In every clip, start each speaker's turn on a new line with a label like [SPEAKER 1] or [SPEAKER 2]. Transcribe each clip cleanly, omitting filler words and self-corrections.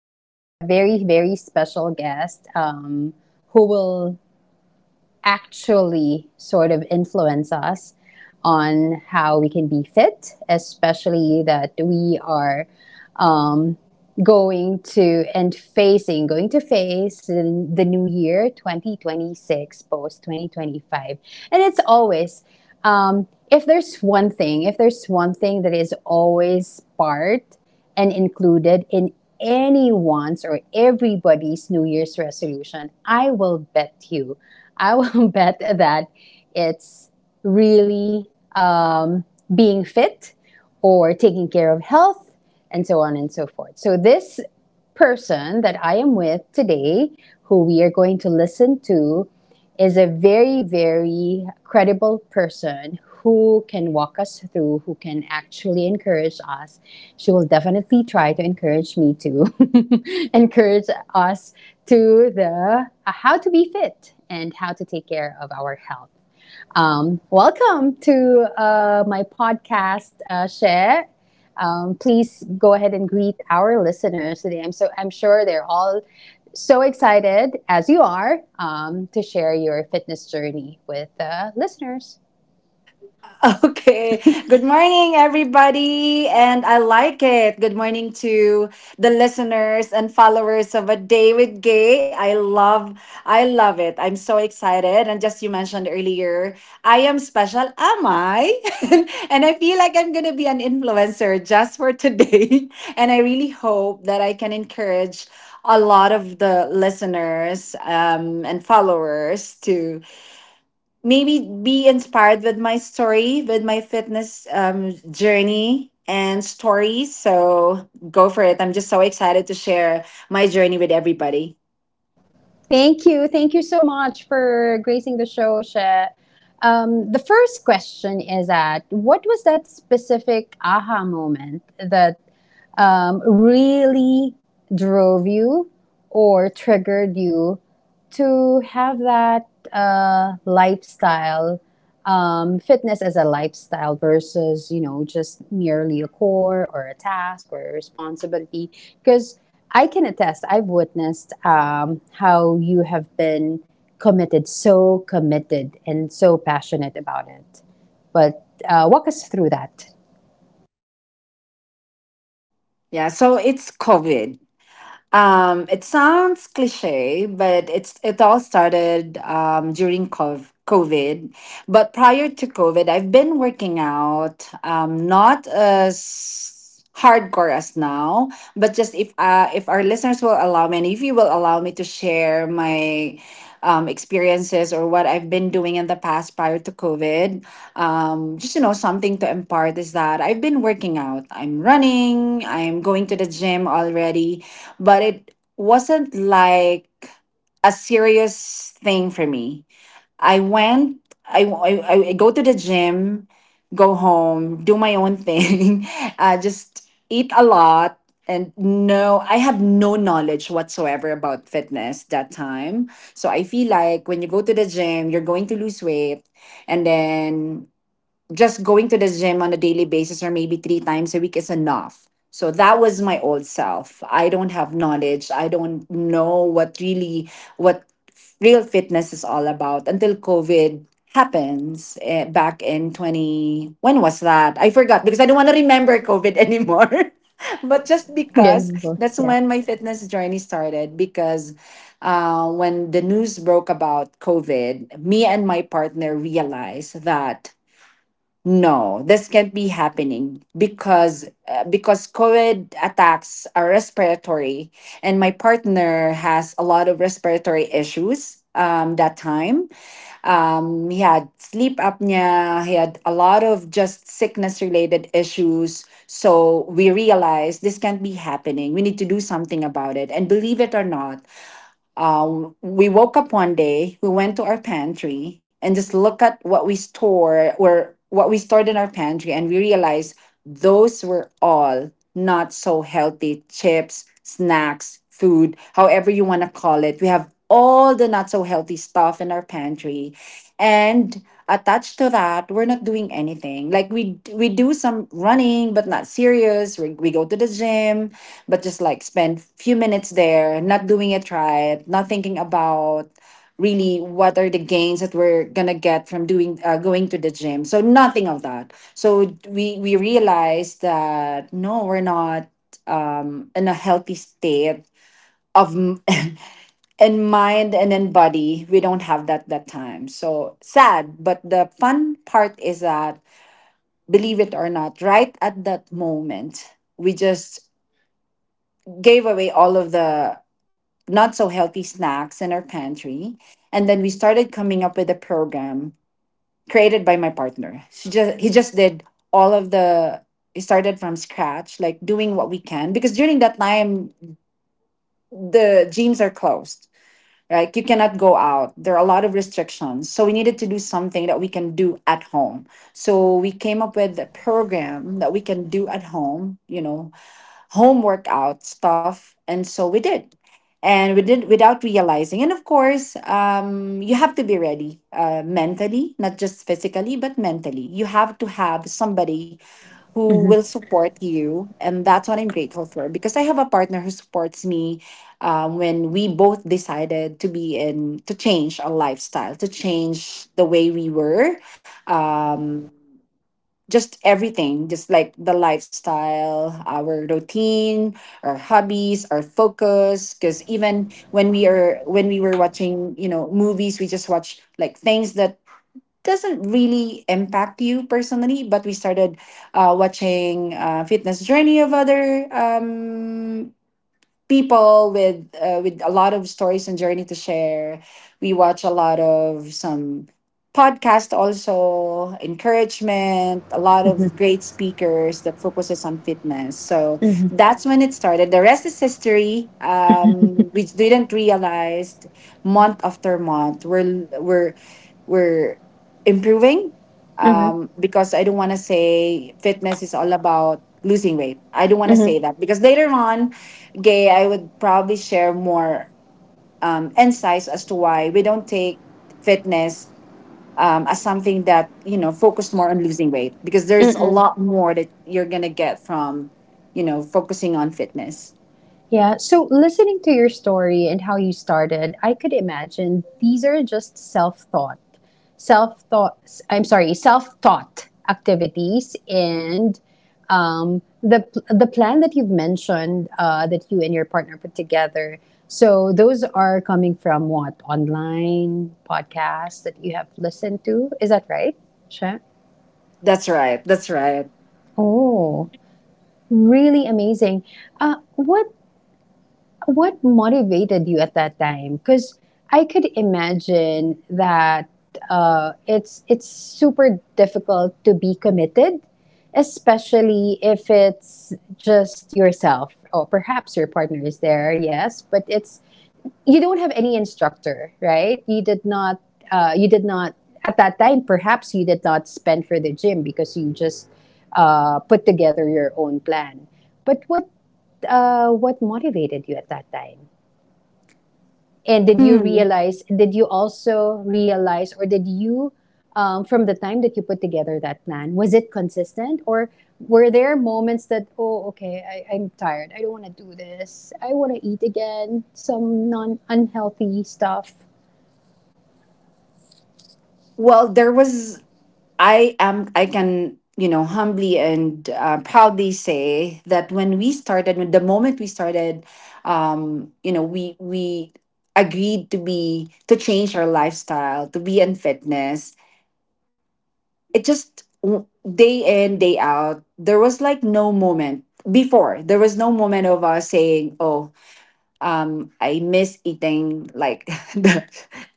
[SPEAKER 1] Today, I have a very, very special guest, who will actually sort of influence us on how we can be fit, especially that we are, um, going to and going to face the new year 2026, post 2025. And it's always, if there's one thing, that is always part and included in anyone's or everybody's New Year's resolution, I will bet you, I will bet that it's really, um, being fit or taking care of health and so on and so forth. So, this person that I am with today, who we are going to listen to, is a very, very credible person who can walk us through, who can actually encourage us. She will definitely try to encourage me to encourage us to the how to be fit and how to take care of our health. Welcome to my podcast, Share. Please go ahead and greet our listeners today. I'm sure they're all so excited as you are, to share your fitness journey with, listeners.
[SPEAKER 2] Okay. Good morning, everybody. And I like it. Good morning to the listeners and followers of A Day with Gay. I love it. I'm so excited. And just you mentioned earlier, I am special, am I? And I feel like I'm going to be an influencer just for today. And I really hope that I can encourage a lot of the listeners and followers to maybe be inspired with my story, with my fitness journey and stories. So go for it. I'm just so excited to share my journey with everybody.
[SPEAKER 1] Thank you so much for gracing the show, Share. The first question is that what was that specific aha moment that, really drove you or triggered you to have that, lifestyle, fitness as a lifestyle versus, you know, just merely a core or a task or a responsibility, because I can attest, I've witnessed, how you have been committed, so committed and so passionate about it. But walk us through that.
[SPEAKER 2] Yeah, so it's COVID. It sounds cliche, but it all started during COVID. But prior to COVID, I've been working out, not as hardcore as now, but just if our listeners will allow me, and if you will allow me to share my experiences or what I've been doing in the past prior to COVID. Just you know something to impart is that I've been working out. I'm running. I'm going to the gym already, but it wasn't like a serious thing for me. I went, I go to the gym, go home, do my own thing, just eat a lot. And no, I have no knowledge whatsoever about fitness that time. So I feel like when you go to the gym, you're going to lose weight. And then just going to the gym on a daily basis or maybe three times a week is enough. So that was my old self. I don't have knowledge. I don't know what really what real fitness is all about until COVID happens eh, back in 20, when was that? I forgot because I don't want to remember COVID anymore. But just because
[SPEAKER 1] Again, both.
[SPEAKER 2] that's
[SPEAKER 1] Yeah.
[SPEAKER 2] when my fitness journey started. Because when the news broke about COVID, me and my partner realized that no, this can't be happening, because because COVID attacks are respiratory, and my partner has a lot of respiratory issues. That time, he had sleep apnea. He had a lot of just sickness related issues. So we realized this can't be happening. We need to do something about it. And believe it or not, we woke up one day, we went to our pantry and just look at what we stored in our pantry, and we realized those were all not so healthy chips, snacks, food, however you want to call it. We have all the not so healthy stuff in our pantry. And attached to that, we're not doing anything. Like we do some running but not serious. We go to the gym but just like spend few minutes there, not doing it right, not thinking about really what are the gains that we're gonna get from doing going to the gym. So nothing of that. So we realized that no, we're not in a healthy state of m- in mind and in body. We don't have that that time. So sad. But the fun part is that believe it or not, right at that moment, we just gave away all of the not so healthy snacks in our pantry. And then we started coming up with a program created by my partner. She just he just did all of the he started from scratch, like doing what we can, because during that time the gyms are closed. Like you cannot go out. There are a lot of restrictions. So we needed to do something that we can do at home. So we came up with a program that we can do at home, you know, home workout stuff. And so we did. And we did without realizing. And of course, you have to be ready mentally, not just physically, but mentally. You have to have somebody who
[SPEAKER 1] Mm-hmm.
[SPEAKER 2] will support you, and that's what I'm grateful for, because I have a partner who supports me when we both decided to be in to change our lifestyle, to change the way we were. um, just everything, just like the lifestyle, our routine, our hobbies, our focus. Because even when we were watching, you know, movies, we just watch like things that doesn't really impact you personally. But we started watching fitness journey of other people with a lot of stories and journey to share. We watch a lot of some podcast, also encouragement, a lot of great speakers that focuses on fitness. So that's when it started, the rest is history. We didn't realize month after month we're improving. Because I don't want to say fitness is all about losing weight. I don't want to say
[SPEAKER 1] Mm-hmm.
[SPEAKER 2] that, because later on, Gay, I would probably share more insights as to why we don't take fitness as something that, you know, focused more on losing weight, because there's a
[SPEAKER 1] Mm-mm.
[SPEAKER 2] lot more that you're going to get from, you know, focusing on fitness.
[SPEAKER 1] Yeah. So, listening to your story and how you started, I could imagine these are just self thought. I'm sorry, self taught activities, and, the plan that you've mentioned, that you and your partner put together. So, those are coming from what online podcasts that you have listened to. Is that right? Sure.
[SPEAKER 2] That's right. That's right.
[SPEAKER 1] Oh, really amazing. Uh, what What motivated you at that time? Because I could imagine that, it's super difficult to be committed, especially if it's just yourself or perhaps your partner is there. Yes, but it's you don't have any instructor, right? You did not. You did not at that time. Perhaps you did not spend for the gym because you just, put together your own plan. But what motivated you at that time? And did you
[SPEAKER 2] Hmm.
[SPEAKER 1] realize, did you also realize, from the time that you put together that plan, was it consistent? Or were there moments that, oh, okay, I'm tired. I don't want to do this. I want to eat again, some non unhealthy stuff.
[SPEAKER 2] Well, there was, I am, I can, you know, humbly and proudly say that when we started, when the moment we started, you know, we agreed to change our lifestyle, to be in fitness. It just day in day out, there was like no moment before, there was no moment of us saying, oh, I miss eating like the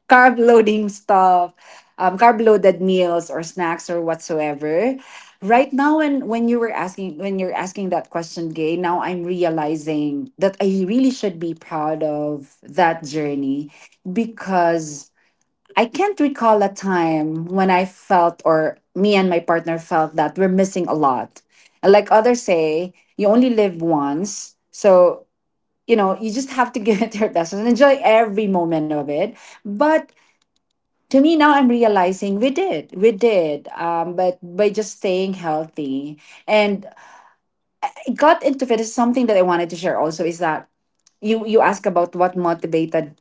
[SPEAKER 2] carb loading stuff, carb loaded meals or snacks or whatsoever. Right now, when you were asking when you're asking that question, Gay, now I'm realizing that I really should be proud of that journey, because I can't recall a time when I felt, or me and my partner felt, that we're missing a lot. And like others say, you only live once. So you know you just have to give it your best and enjoy every moment of it. But to me, now I'm realizing we did, but by just staying healthy. And I got into fitness, something that I wanted to share also is that, you ask about what motivated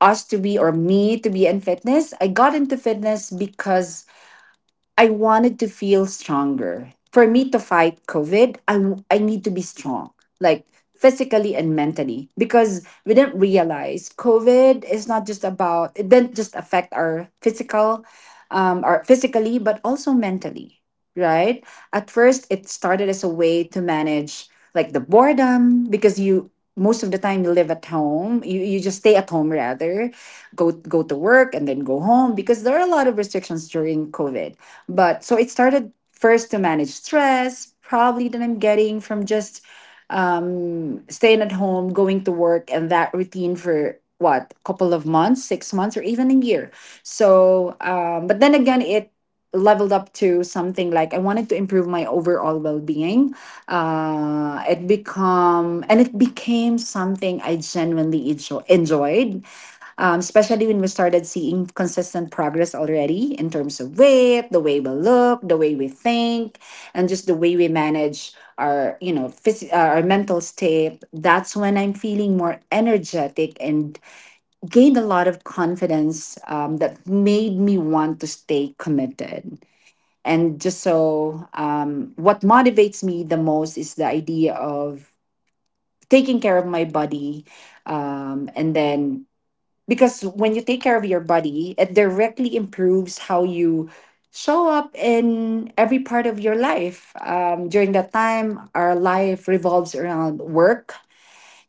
[SPEAKER 2] us to be, or me to be in fitness. I got into fitness because I wanted to feel stronger. For me to fight COVID, I need to be strong, like physically and mentally, because we didn't realize COVID is not just about, it didn't just affect our physical, our physically, but also mentally, right? At first, it started as a way to manage like the boredom. Because most of the time you live at home, you just stay at home rather go to work and then go home, because there are a lot of restrictions during covid. But so it started first to manage stress, probably that I'm getting from just staying at home, going to work, and that routine for what, a couple of months, 6 months, or even a year. So, but then again, it leveled up to something like I wanted to improve my overall well-being. It become and It became something I genuinely enjoyed, especially when we started seeing consistent progress already in terms of weight, the way we look, the way we think, and just the way we manage our, you know, our mental state. That's when I'm feeling more energetic and gained a lot of confidence, that made me want to stay committed. And just so, what motivates me the most is the idea of taking care of my body, and then because when you take care of your body, it directly improves how you show up in every part of your life. During that time, our life revolves around work,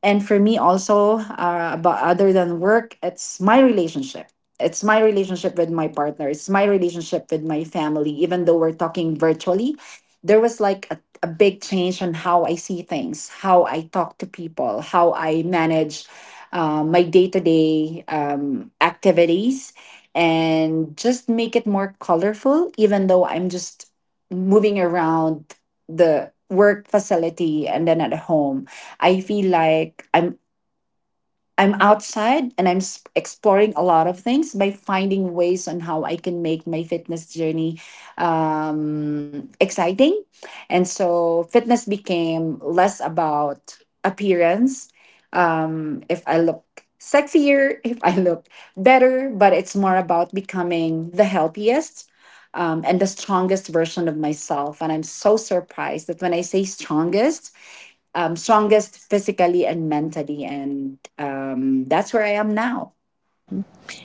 [SPEAKER 2] and for me also, about other than work, it's my relationship. It's my relationship with my partner. It's my relationship with my family. Even though we're talking virtually, there was like a big change on how I see things, how I talk to people, how I manage my day to day activities, and just make it more colorful, even though I'm just moving around the work facility and then at home. I feel like I'm outside and I'm exploring a lot of things by finding ways on how I can make my fitness journey exciting. And so fitness became less about appearance. If I look sexier, if I look better, but it's more about becoming the healthiest and the strongest version of myself. And I'm so surprised that when I say strongest, strongest physically and mentally. And that's where I am now.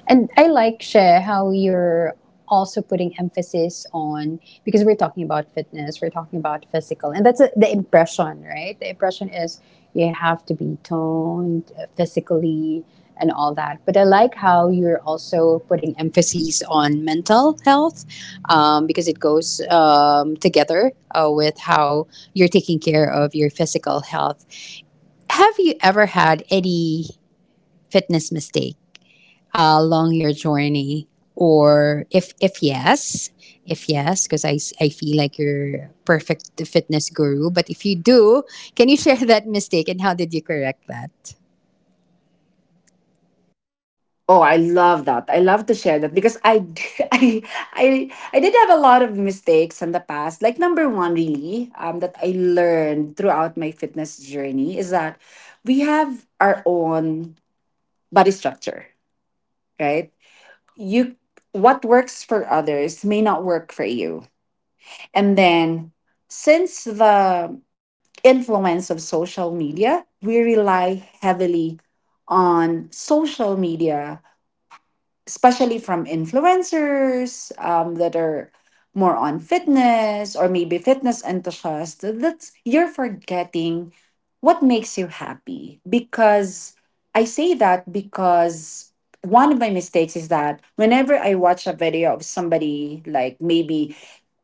[SPEAKER 1] And I like, Share, how you're also putting emphasis on, because we're talking about fitness, we're talking about physical, and that's the impression, right? The impression is you have to be toned, physically and all that. But I like how you're also putting emphasis on mental health, because it goes, together, with how you're taking care of your physical health. Have you ever had any fitness mistake, along your journey? Or if yes, because I feel like you're perfect fitness guru. But if you do, can you share that mistake and how did you correct that?
[SPEAKER 2] Oh, I love that. I love to share that because I, I, I did have a lot of mistakes in the past. Like number one, really, that I learned throughout my fitness journey is that we have our own body structure, right? You, what works for others may not work for you. And then, since the influence of social media, we rely heavily on social media, especially from influencers that are more on fitness or maybe fitness enthusiasts. That's you're forgetting what makes you happy. Because I say that because one of my mistakes is that whenever I watch a video of somebody, like, maybe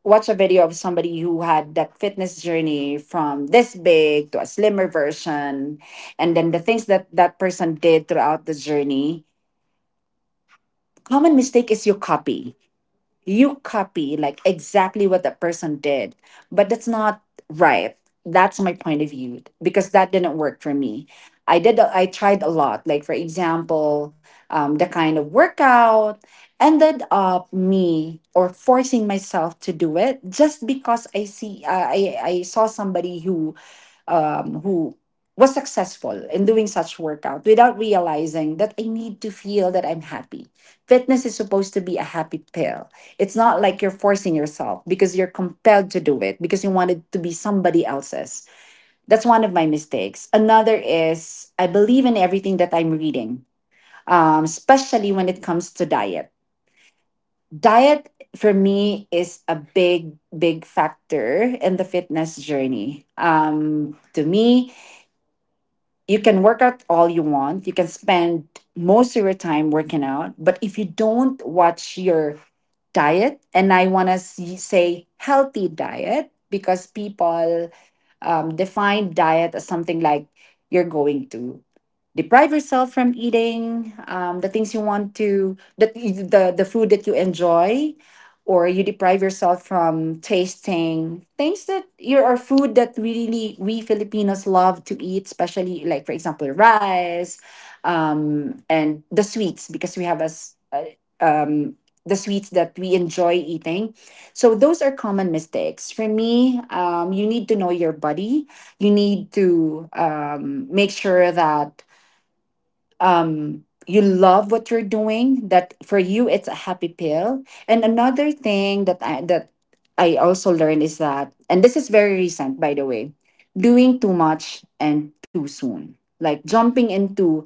[SPEAKER 2] watch a video of somebody who had that fitness journey from this big to a slimmer version, and then the things that that person did throughout the journey, common mistake is you copy like exactly what that person did. But that's not right. That's my point of view because that didn't work for me. I tried a lot. Like, for example, the kind of workout, ended up me or forcing myself to do it just because I see I saw somebody who was successful in doing such workout without realizing that I need to feel that I'm happy. Fitness is supposed to be a happy pill. It's not like you're forcing yourself because you're compelled to do it because you want it to be somebody else's. That's one of my mistakes. Another is I believe in everything that I'm reading, especially when it comes to diet. Diet for me is a big, big factor in the fitness journey. To me, you can work out all you want. You can spend most of your time working out, but if you don't watch your diet — and I want to say healthy diet, because people define diet as something like you're going to deprive yourself from eating the things you want, to the food that you enjoy, or you deprive yourself from tasting things that here are food that really we Filipinos love to eat, especially, like, for example, rice, and the sweets because we have as um, the sweets that we enjoy eating. So those are common mistakes. For me, you need to know your body. You need to make sure that you love what you're doing. That for you, it's a happy pill. And another thing that I also learned is that, and this is very recent, by the way, doing too much and too soon, like jumping into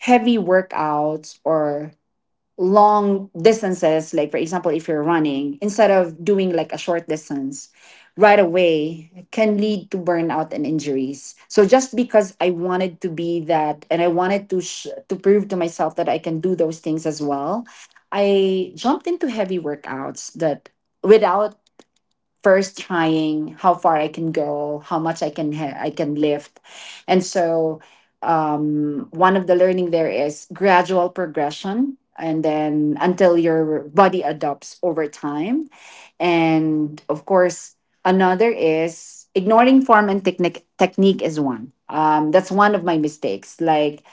[SPEAKER 2] heavy workouts or long distances. Like, for example, if you're running, instead of doing like a short distance right away, can lead to burnout and injuries. So just because I wanted to be that, and I wanted to to prove to myself that I can do those things as well, I jumped into heavy workouts that without first trying how far I can go, how much I can lift, and so one of the learning there is gradual progression, and then until your body adopts over time, and of course another is ignoring form and technique. Technique is one. That's one of my mistakes. Like,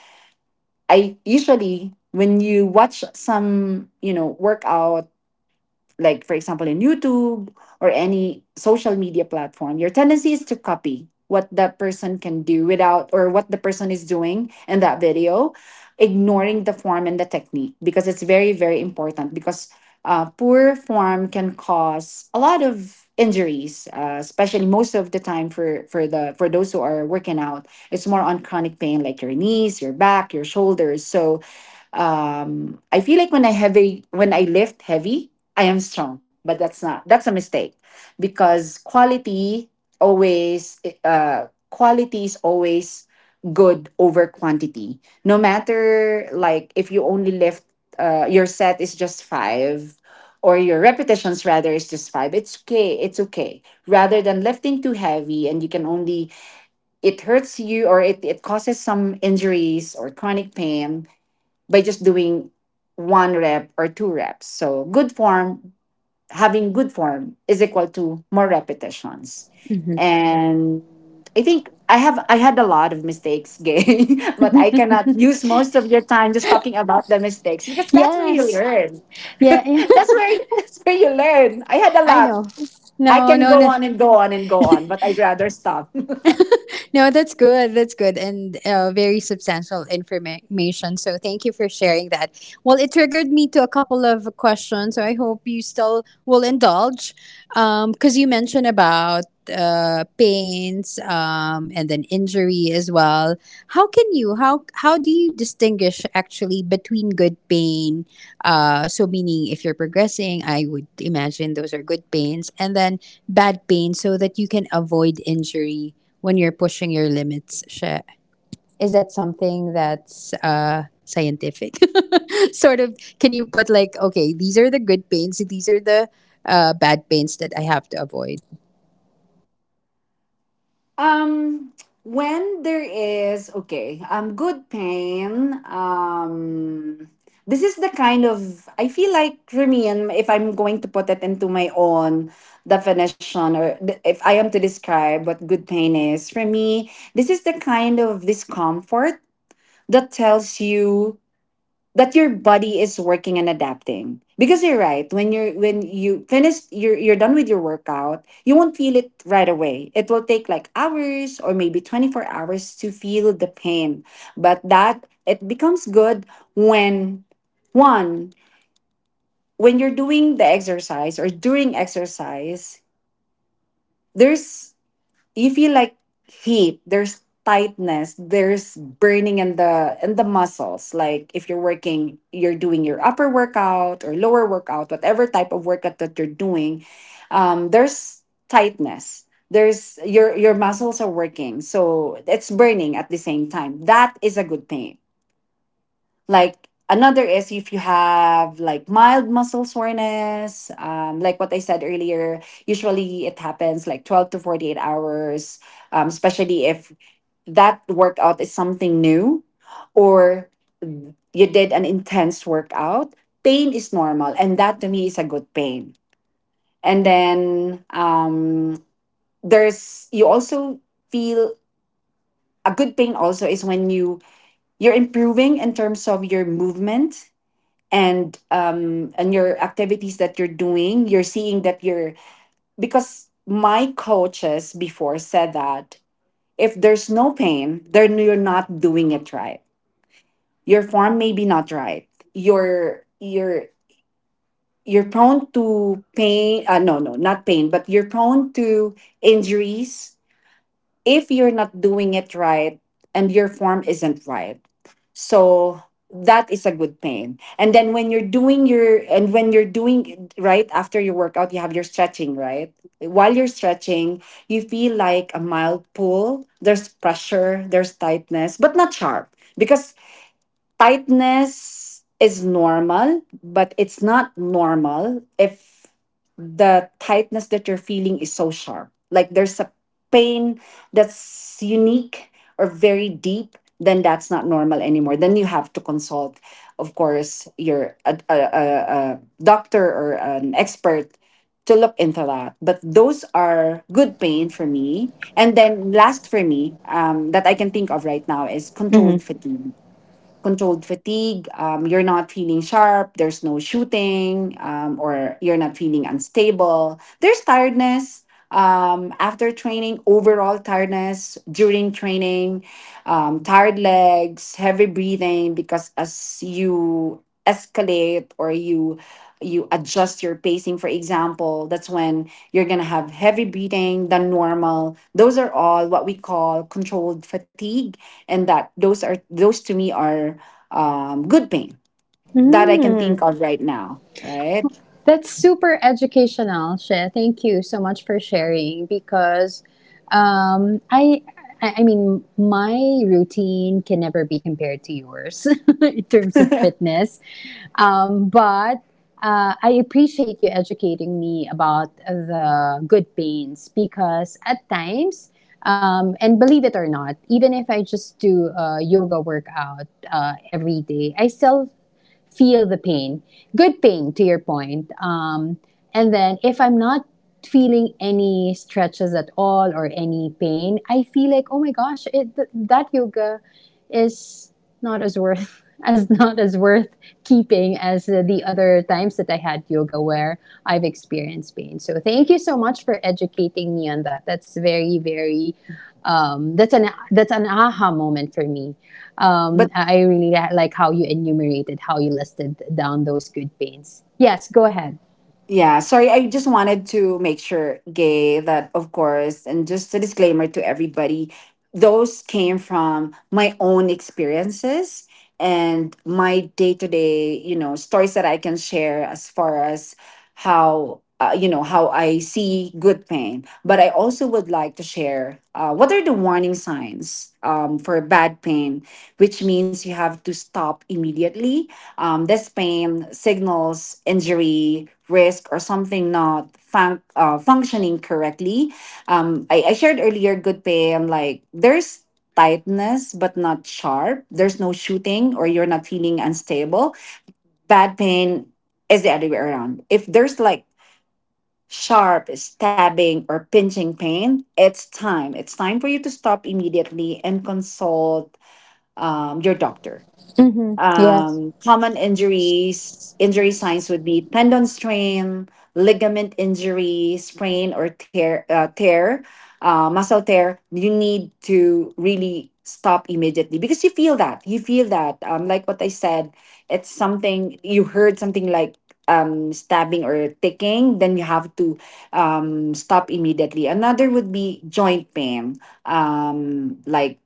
[SPEAKER 2] I usually, when you watch some, you know, workout, like, for example, in youtube or any social media platform, your tendency is to copy what that person can do without, or what the person is doing in that video, ignoring the form and the technique. Because it's very, very important, because poor form can cause a lot of injuries, especially most of the time for the for those who are working out, it's more on chronic pain like your knees, your back, your shoulders. So I feel like when I lift heavy, I am strong, but that's not, that's a mistake. Because quality always, quality is always good over quantity. No matter, like, if you only lift, your set is just five, or your repetitions rather is just five, it's okay. It's okay. Rather than lifting too heavy and you can only — it hurts you, or it causes some injuries or chronic pain by just doing one rep or two reps. So good form, having good form is equal to more repetitions. And I think I had a lot of mistakes, gay, but I cannot use most of your time just talking about the mistakes because that's where you
[SPEAKER 1] Yes.
[SPEAKER 2] learn.
[SPEAKER 1] Yeah.
[SPEAKER 2] That's where you learn. I had a
[SPEAKER 1] I
[SPEAKER 2] lot.
[SPEAKER 1] know.
[SPEAKER 2] I
[SPEAKER 1] No,
[SPEAKER 2] can
[SPEAKER 1] no,
[SPEAKER 2] go
[SPEAKER 1] no.
[SPEAKER 2] on and go on and go on, but I'd rather stop.
[SPEAKER 1] No, that's good. That's good and, very substantial information. So thank you for sharing that. Well, it triggered me to a couple of questions. So I hope you still will indulge, because you mentioned about, pains, and then injury as well. How do you distinguish actually between good pain? So meaning if you're progressing, I would imagine those are good pains, and then bad pain so that you can avoid injury when you're pushing your limits. Siya. Is that something that's, scientific? Sort of, can you put like, okay, these are the good pains, these are the, bad pains that I have to avoid?
[SPEAKER 2] Um, when there is, okay, good pain. This is the kind of, I feel like for me, and if I'm going to put it into my own definition, or if I am to describe what good pain is for me, this is the kind of discomfort that tells you that your body is working and adapting. Because you're right, when you finish, you're done with your workout, you won't feel it right away. It will take like hours or maybe 24 hours to feel the pain. But that it becomes good when one, when you're doing the exercise or during exercise, there's, you feel like heat, there's tightness, there's burning in the muscles. Like if you're working, you're doing your upper workout or lower workout, whatever type of workout that you're doing, there's tightness, there's your muscles are working, so it's burning at the same time. That is a good pain. Like, another is if you have like mild muscle soreness, like what I said earlier, usually it happens like 12 to 48 hours, especially if that workout is something new or you did an intense workout. Pain is normal, and that to me is a good pain. And then um, there's, you also feel a good pain also is when you're improving in terms of your movement and your activities that you're doing, you're seeing that you're — because my coaches before said that if there's no pain, then you're not doing it right. Your form may be not right. you're you're you're prone to pain, no, not pain, but you're prone to injuries if you're not doing it right and your form isn't right. So that is a good pain. And then when you're doing your, and when you're doing right after your workout, you have your stretching, right? While you're stretching, you feel like a mild pull. There's pressure, there's tightness, but not sharp. Because tightness is normal, but it's not normal if the tightness that you're feeling is so sharp. Like there's a pain that's unique or very deep, then that's not normal anymore. Then you have to consult, of course, your a doctor or an expert to look into that. But those are good pain for me. And then last for me, that I can think of right now is
[SPEAKER 1] Mm-hmm.
[SPEAKER 2] controlled fatigue, controlled fatigue. You're not feeling sharp. There's no shooting, or you're not feeling unstable. There's tiredness after training, overall tiredness during training, tired legs, heavy breathing, because as you escalate or you adjust your pacing, for example, that's when you're going to have heavy breathing than normal. Those are all what we call controlled fatigue. And that those are, those to me are good pain that I can think of right now, right?
[SPEAKER 1] That's super educational, Shay. Thank you so much for sharing, because, um, I, I mean, my routine can never be compared to yours in terms of
[SPEAKER 2] but
[SPEAKER 1] fitness. But I appreciate you educating me about the good pains, because at times, and believe it or not, even if I just do a yoga workout, every day, I still feel the pain, good pain to your point. And then if I'm not feeling any stretches at all or any pain, I feel like, oh my gosh, that yoga is not as worth as not as worth keeping as, the other times that I had yoga where I've experienced pain. So thank you so much for educating me on that. That's very, very, that's an aha moment for me. I really like how you enumerated, how you listed down those good pains. Yes, go ahead.
[SPEAKER 2] Yeah, sorry. I just wanted to make sure, Gay, that of course, and just a disclaimer to everybody, those came from my own experiences and my day to day, you know, stories that I can share as far as how, you know, how I see good pain. But I also would like to share what are the warning signs for bad pain, which means you have to stop immediately. This pain signals injury, risk, or something not functioning correctly. I shared earlier good pain, like there's tightness but not sharp. There's no shooting or you're not feeling unstable. Bad pain is the other way around. If there's like sharp stabbing or pinching pain, it's time. It's time for you to stop immediately and consult your doctor.
[SPEAKER 1] Mm-hmm. Yes.
[SPEAKER 2] Common injuries, injury signs would be tendon strain, ligament injury, sprain or tear, tear, muscle tear. You need to really stop immediately because you feel that. You feel that. Like what I said, it's something you heard, something like stabbing or ticking, then you have to stop immediately. Another would be joint pain, like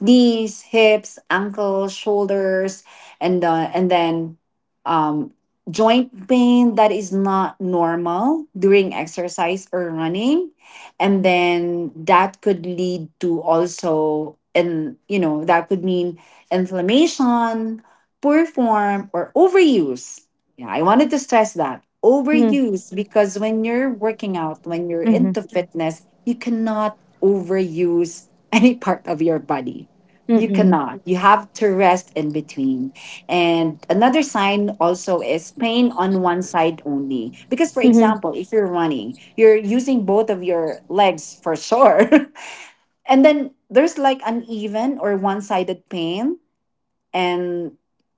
[SPEAKER 2] knees, hips, ankles, shoulders, and then um, joint pain that is not normal during exercise or running, and then that could lead to also, and you know, that could mean inflammation, poor form, or overuse. Yeah, I wanted to stress that
[SPEAKER 1] Mm-hmm.
[SPEAKER 2] overuse because when you're working out, when you're
[SPEAKER 1] Mm-hmm.
[SPEAKER 2] into fitness, you cannot overuse any part of your body, you
[SPEAKER 1] Mm-mm.
[SPEAKER 2] cannot. You have to rest in between. And another sign also is pain on one side only. Because, for
[SPEAKER 1] Mm-hmm.
[SPEAKER 2] example, if you're running, you're using both of your legs for sure. And then there's like uneven or one sided pain. And,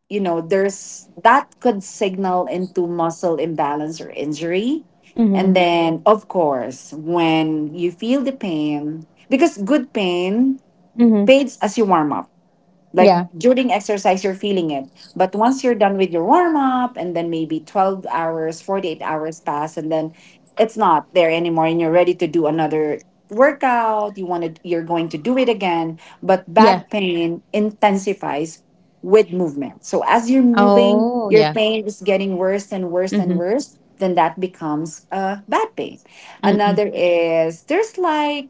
[SPEAKER 2] you know, there's that could signal into muscle imbalance or injury.
[SPEAKER 1] Mm-hmm.
[SPEAKER 2] And then, of course, when you feel the pain, because good pain
[SPEAKER 1] Mm-hmm.
[SPEAKER 2] fades as you warm up, like
[SPEAKER 1] Yeah.
[SPEAKER 2] during exercise, you're feeling it. But once you're done with your warm up, and then maybe 12 hours, 48 hours pass, and then it's not there anymore, and you're ready to do another workout. You want to, you're going to do it again. But
[SPEAKER 1] Yeah.
[SPEAKER 2] bad pain intensifies with movement. So as you're moving,
[SPEAKER 1] Oh,
[SPEAKER 2] your
[SPEAKER 1] yeah.
[SPEAKER 2] pain is getting worse and worse and
[SPEAKER 1] Mm-hmm.
[SPEAKER 2] worse. Then that becomes a bad pain. Another is there's like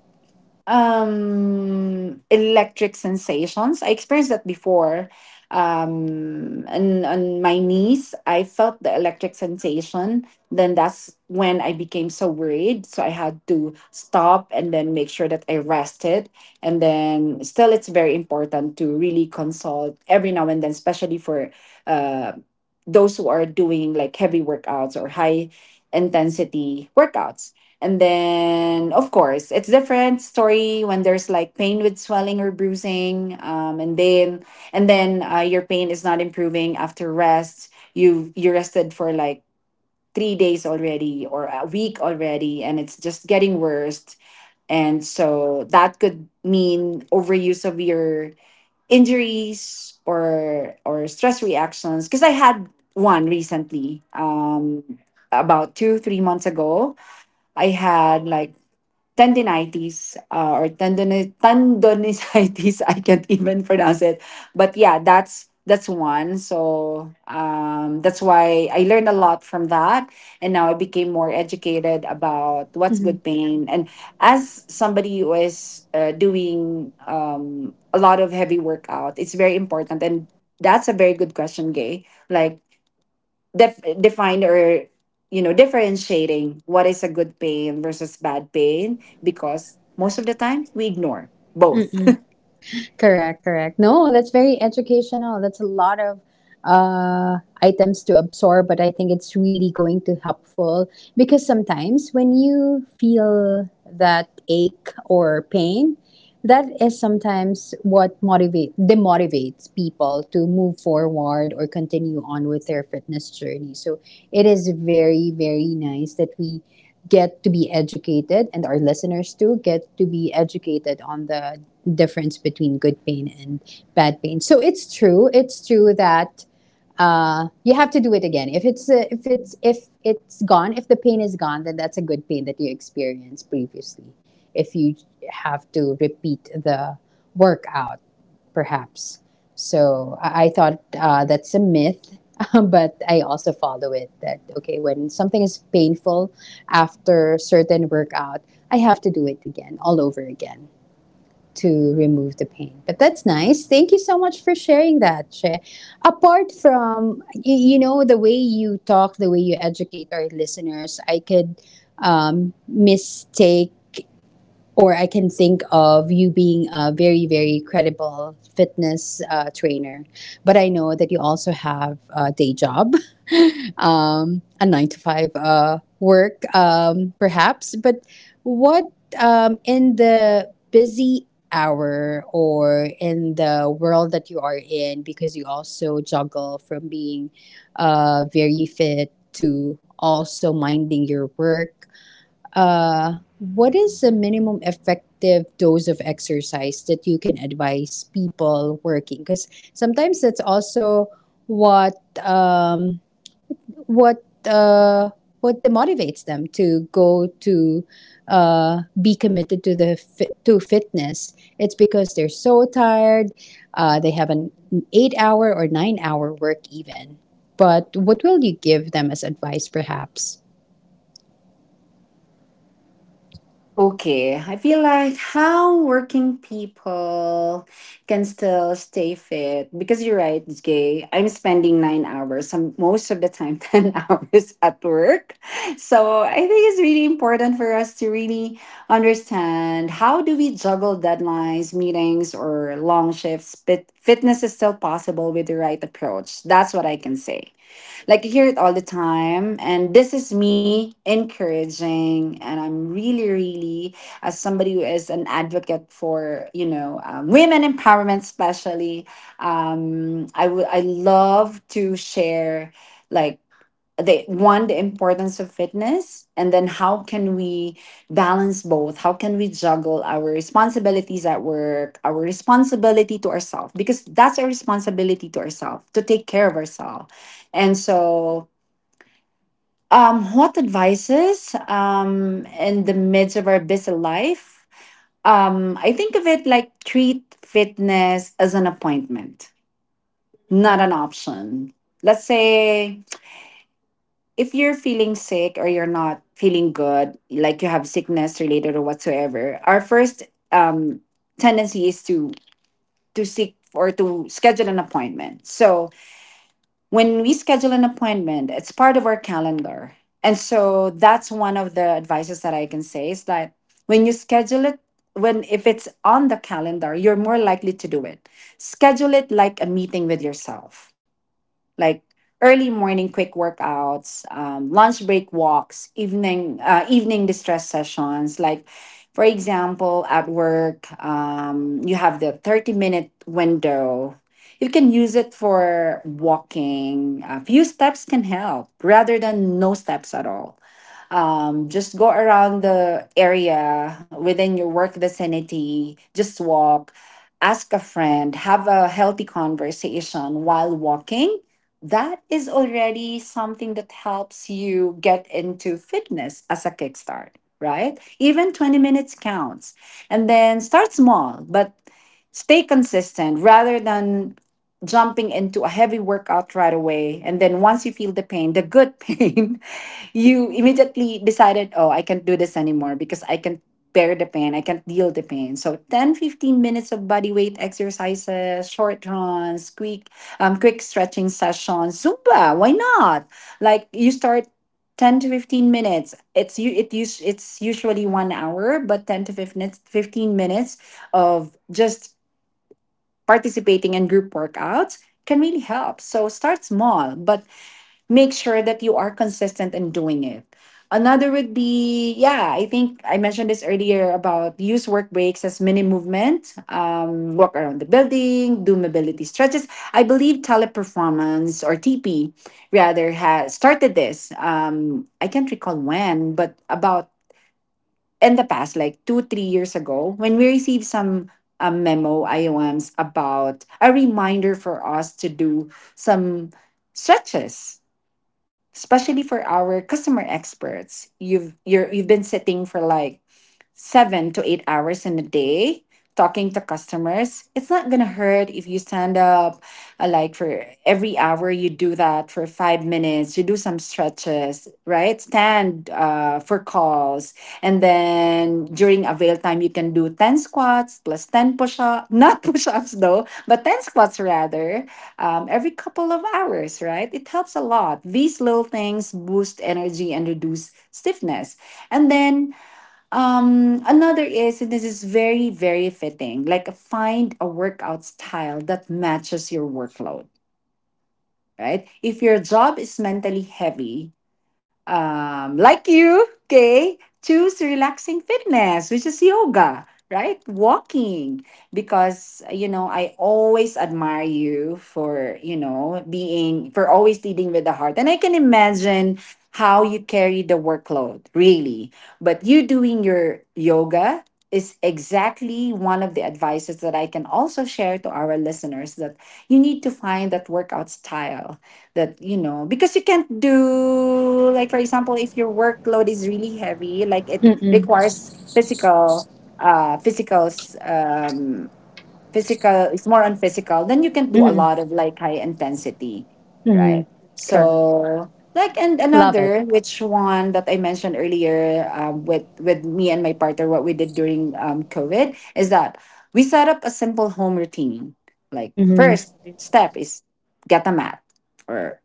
[SPEAKER 2] electric sensations. I experienced that before. And on my knees I felt the electric sensation. Then that's when I became so worried, so I had to stop and then make sure that I rested. And then still it's very important to really consult every now and then, especially for uh those who are doing like heavy workouts or high intensity workouts. And then, of course, it's different story when there's like pain with swelling or bruising, and then your pain is not improving after rest. You rested for like 3 days already or a week already, and it's just getting worse. And so that could mean overuse of your injuries or stress reactions. Because I had one recently, about 2 3 months ago. I had like tendinitis, or tendonitis. I can't even pronounce it. But yeah, that's one. So that's why I learned a lot from that, and now I became more educated about what's good pain. And as somebody who is doing a lot of heavy workout, it's very important. And that's a very good question, Gay. Like define or, you know, differentiating what is a good pain versus bad pain, because most of the time we ignore both.
[SPEAKER 1] Correct, correct. No, that's very educational. That's a lot of, items to absorb, but I think it's really going to helpful, because sometimes when you feel that ache or pain, that is sometimes what motivate demotivates people to move forward or continue on with their fitness journey. So it is very, very nice that we get to be educated, and our listeners too get to be educated on the difference between good pain and bad pain. So it's true. It's true that, you have to do it again. If it's gone, if the pain is gone, then that's a good pain that you experienced previously. If you have to repeat the workout, perhaps. So I thought, that's a myth, but I also follow it that, okay, when something is painful after certain workout, I have to do it again, all over again, to remove the pain. But that's nice. Thank you so much for sharing that, Che. Apart from, the way you talk, the way you educate our listeners, I could, mistake, or I can think of you being a very, very credible fitness, trainer. But I know that you also have a day job, a 9-to-5, work, perhaps. But what in the busy hour, or in the world that you are in, because you also juggle from being, very fit to also minding your work, what is the minimum effective dose of exercise that you can advise people working? Because sometimes that's also what um, what uh, what demotivates them to go to be committed to to fitness. It's because they're so tired. They have an 8-hour or 9-hour work even. But what will you give them as advice, perhaps?
[SPEAKER 2] Okay, I feel like how working people can still stay fit, because you're right, Jay. I'm spending 9 hours, some most of the time, 10 hours at work. So I think it's really important for us to really understand how do we juggle deadlines, meetings, or long shifts, but fitness is still possible with the right approach. That's what I can say. Like, you hear it all the time. And this is me encouraging. And I'm really, really, as somebody who is an advocate for, you know, women empowerment, especially, I love to share like the importance of fitness and then how can we balance both, how can we juggle our responsibilities at work, our responsibility to ourselves, because that's our responsibility to ourselves to take care of ourselves. And so what advices in the midst of our busy life, I think of it like treat fitness as an appointment, not an option. Let's say if you're feeling sick or you're not feeling good, like you have sickness related or whatsoever, our first um, tendency is to seek or to schedule an appointment. So when we schedule an appointment, it's part of our calendar, and so that's one of the advices that I can say, is that when you schedule it, when if it's on the calendar, you're more likely to do it. Schedule it like a meeting with yourself, like early morning quick workouts, lunch break walks, evening evening distress sessions. Like for example, at work, you have the 30 minute window. You can use it for walking. A few steps can help rather than no steps at all. Just go around the area within your work vicinity, just walk, ask a friend, have a healthy conversation while walking. That is already something that helps you get into fitness as a kickstart, right? Even 20 minutes counts. And then start small, but stay consistent rather than jumping into a heavy workout right away, and then once you feel the pain, the good pain, you immediately decided, oh, I can't do this anymore because I can't bear the pain. I can't deal the pain. So 10, 15 minutes of body weight exercises, short runs, quick, quick stretching sessions, Zumba. Why not? Like you start 10 to 15 minutes. It's you. It us, It's usually 1 hour, but 10 to 15 minutes of just participating in group workouts can really help. So start small, but make sure that you are consistent in doing it. Another would be, yeah, I think I mentioned this earlier about use work breaks as mini movement, walk around the building, do mobility stretches. I believe teleperformance, or TP rather, has started this. I can't recall when, but about in the past, like two, 3 years ago, when we received some memo IOMs about a reminder for us to do some stretches, especially for our customer experts. You've been sitting for like 7 to 8 hours in a day talking to customers. It's not gonna hurt if you stand up, like for every hour you do that for 5 minutes, you do some stretches, right? Stand for calls. And then during avail time you can do 10 squats plus 10 push-ups, not push-ups though, but 10 squats rather, every couple of hours, right? It helps a lot. These little things boost energy and reduce stiffness. And then another is, and this is very, very fitting, like find a workout style that matches your workload, right? If your job is mentally heavy, like you, okay, choose relaxing fitness, which is yoga, right? Walking, because you know I always admire you for, you know, being for always leading with the heart, and I can imagine how you carry the workload, really. But you doing your yoga is exactly one of the advices that I can also share to our listeners, that you need to find that workout style that, you know, because you can't do, like for example, if your workload is really heavy, like it
[SPEAKER 1] Mm-mm.
[SPEAKER 2] requires physical, uh physicals um physical, it's more on physical, then you can do a lot of like high intensity,
[SPEAKER 1] Mm-hmm.
[SPEAKER 2] right?
[SPEAKER 1] Correct.
[SPEAKER 2] So like, and
[SPEAKER 1] Love it.
[SPEAKER 2] another which one that I mentioned earlier, with me and my partner, what we did during, covid, is that we set up a simple home routine. Like
[SPEAKER 1] Mm-hmm.
[SPEAKER 2] first step is get a mat, or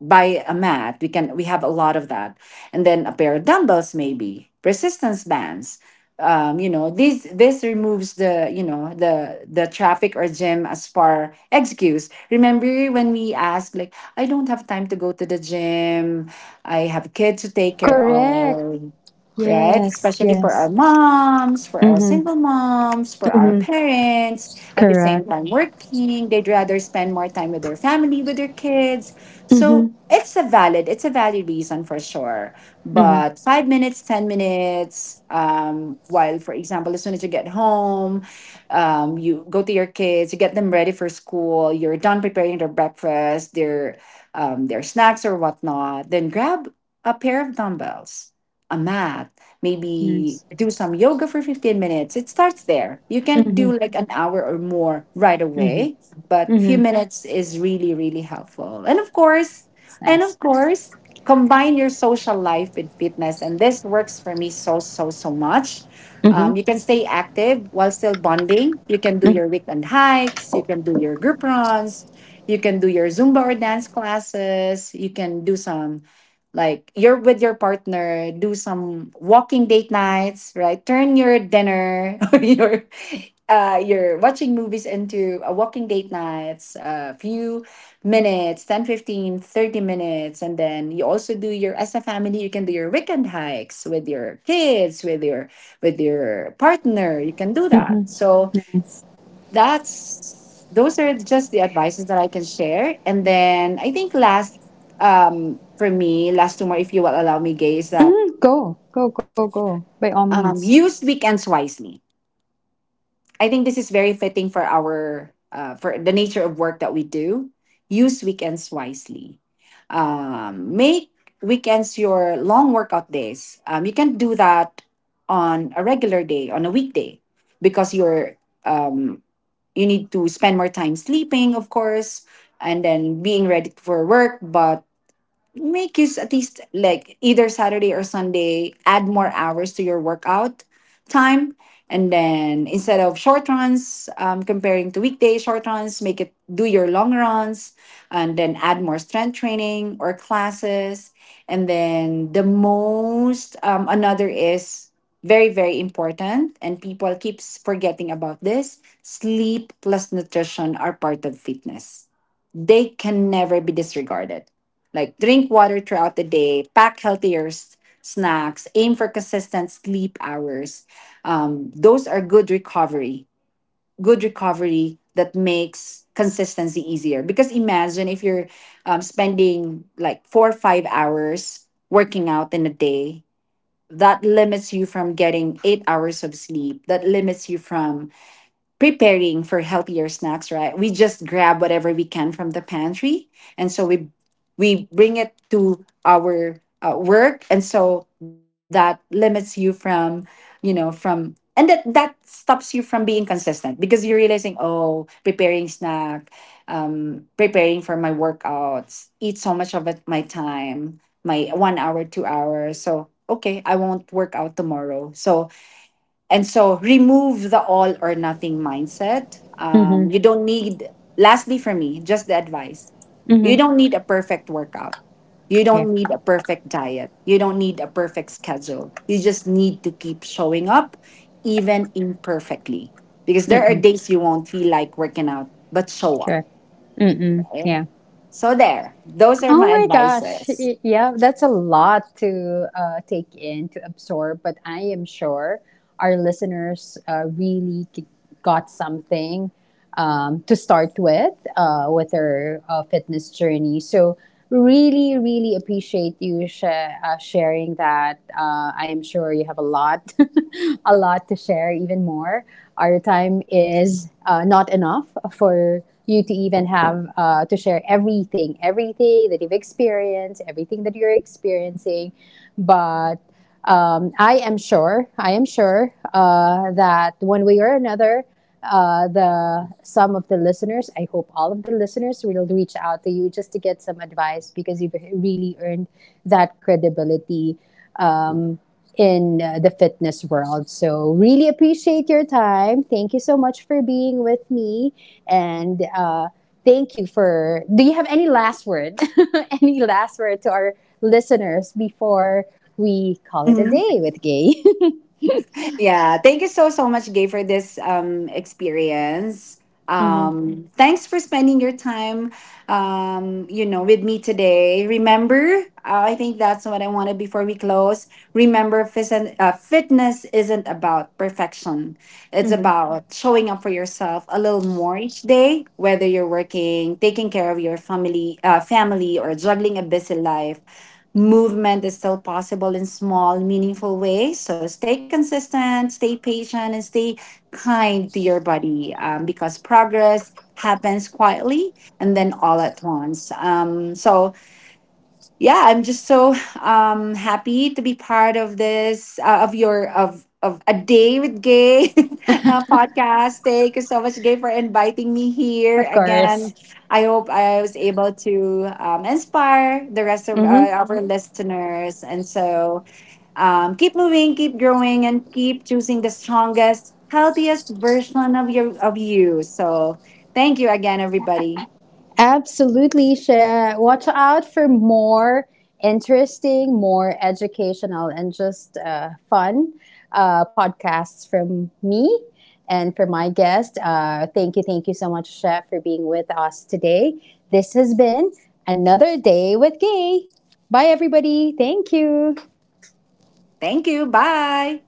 [SPEAKER 2] by a mat, we can, we have a lot of that. And then a pair of dumbbells, maybe resistance bands. You know, this removes the, you know, the traffic or gym as far excuse. Remember when we ask like, I don't have time to go to the gym, I have kids to take care
[SPEAKER 1] Correct.
[SPEAKER 2] of, right?
[SPEAKER 1] Yes,
[SPEAKER 2] Especially for our
[SPEAKER 1] yes.
[SPEAKER 2] moms, for our
[SPEAKER 1] Mm-hmm.
[SPEAKER 2] single moms, for our parents at the same
[SPEAKER 1] Correct.
[SPEAKER 2] time working, they'd rather spend more time with their family, with their kids.
[SPEAKER 1] Mm-hmm.
[SPEAKER 2] So it's a valid reason for sure.
[SPEAKER 1] Mm-hmm.
[SPEAKER 2] But 5 minutes, 10 minutes, while for example, as soon as you get home, you go to your kids, you get them ready for school, you're done preparing their breakfast, their snacks or whatnot, then grab a pair of dumbbells, a mat, maybe
[SPEAKER 1] Nice.
[SPEAKER 2] do some yoga for 15 minutes. It starts there. You can do like an hour or more right
[SPEAKER 1] Mm-hmm.
[SPEAKER 2] away, but
[SPEAKER 1] Mm-hmm.
[SPEAKER 2] few minutes is really really helpful. and of course
[SPEAKER 1] It's
[SPEAKER 2] and
[SPEAKER 1] nice.
[SPEAKER 2] of course combine your social life with fitness, and this works for me so so so much.
[SPEAKER 1] Mm-hmm.
[SPEAKER 2] You can stay active while still bonding. You can do your weekend hikes, you can do your group runs, you can do your zumba or dance classes, you can do some, like you're with your partner, do some walking date nights, right? Turn your dinner or your, you're watching movies into a walking date nights, a few minutes, 10, 15, 30 minutes. And then you also do your, as a family you can do your weekend hikes with your kids, with your, with your partner, you can do
[SPEAKER 1] Mm-hmm.
[SPEAKER 2] that. So
[SPEAKER 1] Nice.
[SPEAKER 2] that's, those are just the advices that I can share. And then I think last, for me, last two more, if you will allow me Gay, is that,
[SPEAKER 1] Mm-hmm. Go. Go, go, go. By all means.
[SPEAKER 2] use weekends wisely. I think this is very fitting for our, for the nature of work that we do. Use weekends wisely. Make weekends your long workout days. You can do that on a regular day, on a weekday, because you're, um, you need to spend more time sleeping, of course, and then being ready for work. But make use at least like either Saturday or Sunday, add more hours to your workout time. And then instead of short runs, comparing to weekday short runs, make it do your long runs, and then add more strength training or classes. And then the most, another is very, very important. And people keeps forgetting about this, sleep plus nutrition are part of fitness, they can never be disregarded. Like drink water throughout the day, pack healthier snacks, aim for consistent sleep hours. Those are good recovery. Good recovery that makes consistency easier. Because imagine if you're, spending like 4 or 5 hours working out in a day, that limits you from getting 8 hours of sleep. That limits you from preparing for healthier snacks, right? We just grab whatever we can from the pantry, and so we bring it to our, work, and so that limits you from, you know, from, and that that stops you from being consistent because you're realizing, oh, preparing snack, preparing for my workouts, eat so much of it my time, my 1 hour, 2 hours, so. Okay, I won't work out tomorrow. So, and so remove the all or nothing mindset.
[SPEAKER 1] Mm-hmm.
[SPEAKER 2] You don't need, lastly for me, just the advice.
[SPEAKER 1] Mm-hmm.
[SPEAKER 2] You don't need a perfect workout. You
[SPEAKER 1] Yeah.
[SPEAKER 2] don't need a perfect diet. You don't need a perfect schedule. You just need to keep showing up, even imperfectly. Because there are
[SPEAKER 1] Mm-mm.
[SPEAKER 2] days you won't feel like working out, but show up,
[SPEAKER 1] Correct. Mm-mm.
[SPEAKER 2] right?
[SPEAKER 1] Yeah.
[SPEAKER 2] So, there, those are
[SPEAKER 1] Oh
[SPEAKER 2] my
[SPEAKER 1] my gosh.
[SPEAKER 2] advices.
[SPEAKER 1] Yeah, that's a lot to, take in, to absorb, but I am sure. Our listeners, really got something, to start with their, fitness journey. So really, really appreciate you, sharing that. I am sure you have a lot, a lot to share, even more. Our time is, not enough for you to even have to share everything, everything that you've experienced, everything that you're experiencing. But, I am sure, that one way or another, the some of the listeners, I hope all of the listeners will reach out to you just to get some advice, because you've really earned that credibility. Um, in the fitness world. So, really appreciate your time. Thank you so much for being with me. And thank you for. Do you have any last word? Any last word to our listeners before we call it a
[SPEAKER 2] Hmm.
[SPEAKER 1] day with Gay?
[SPEAKER 2] Yeah, thank you so so much, Gay, for this experience.
[SPEAKER 1] Mm-hmm.
[SPEAKER 2] Thanks for spending your time, you know, with me today. Remember, I think that's what I wanted before we close. Remember, fitness isn't about perfection. It's
[SPEAKER 1] Mm-hmm.
[SPEAKER 2] about showing up for yourself a little more each day, whether you're working, taking care of your family, or juggling a busy life. Movement is still possible in small, meaningful ways. So stay consistent, stay patient, and stay kind to your body, because progress happens quietly and then all at once. So yeah, I'm just so happy to be part of this, of your of a day with Gay podcast. Thank you so much, Gay, for inviting me here
[SPEAKER 1] Of
[SPEAKER 2] again.
[SPEAKER 1] course.
[SPEAKER 2] I hope I was able to, inspire the rest of,
[SPEAKER 1] Mm-hmm.
[SPEAKER 2] our listeners. And so, keep moving, keep growing, and keep choosing the strongest, healthiest version of you. So thank you again, everybody.
[SPEAKER 1] Absolutely, Share. Watch out for more interesting, more educational, and just, fun, podcasts from me and for my guest. Thank you, thank you so much, Chef, for being with us today. This has been another day with Gay. Bye, everybody. Thank you.
[SPEAKER 2] Thank you. Bye.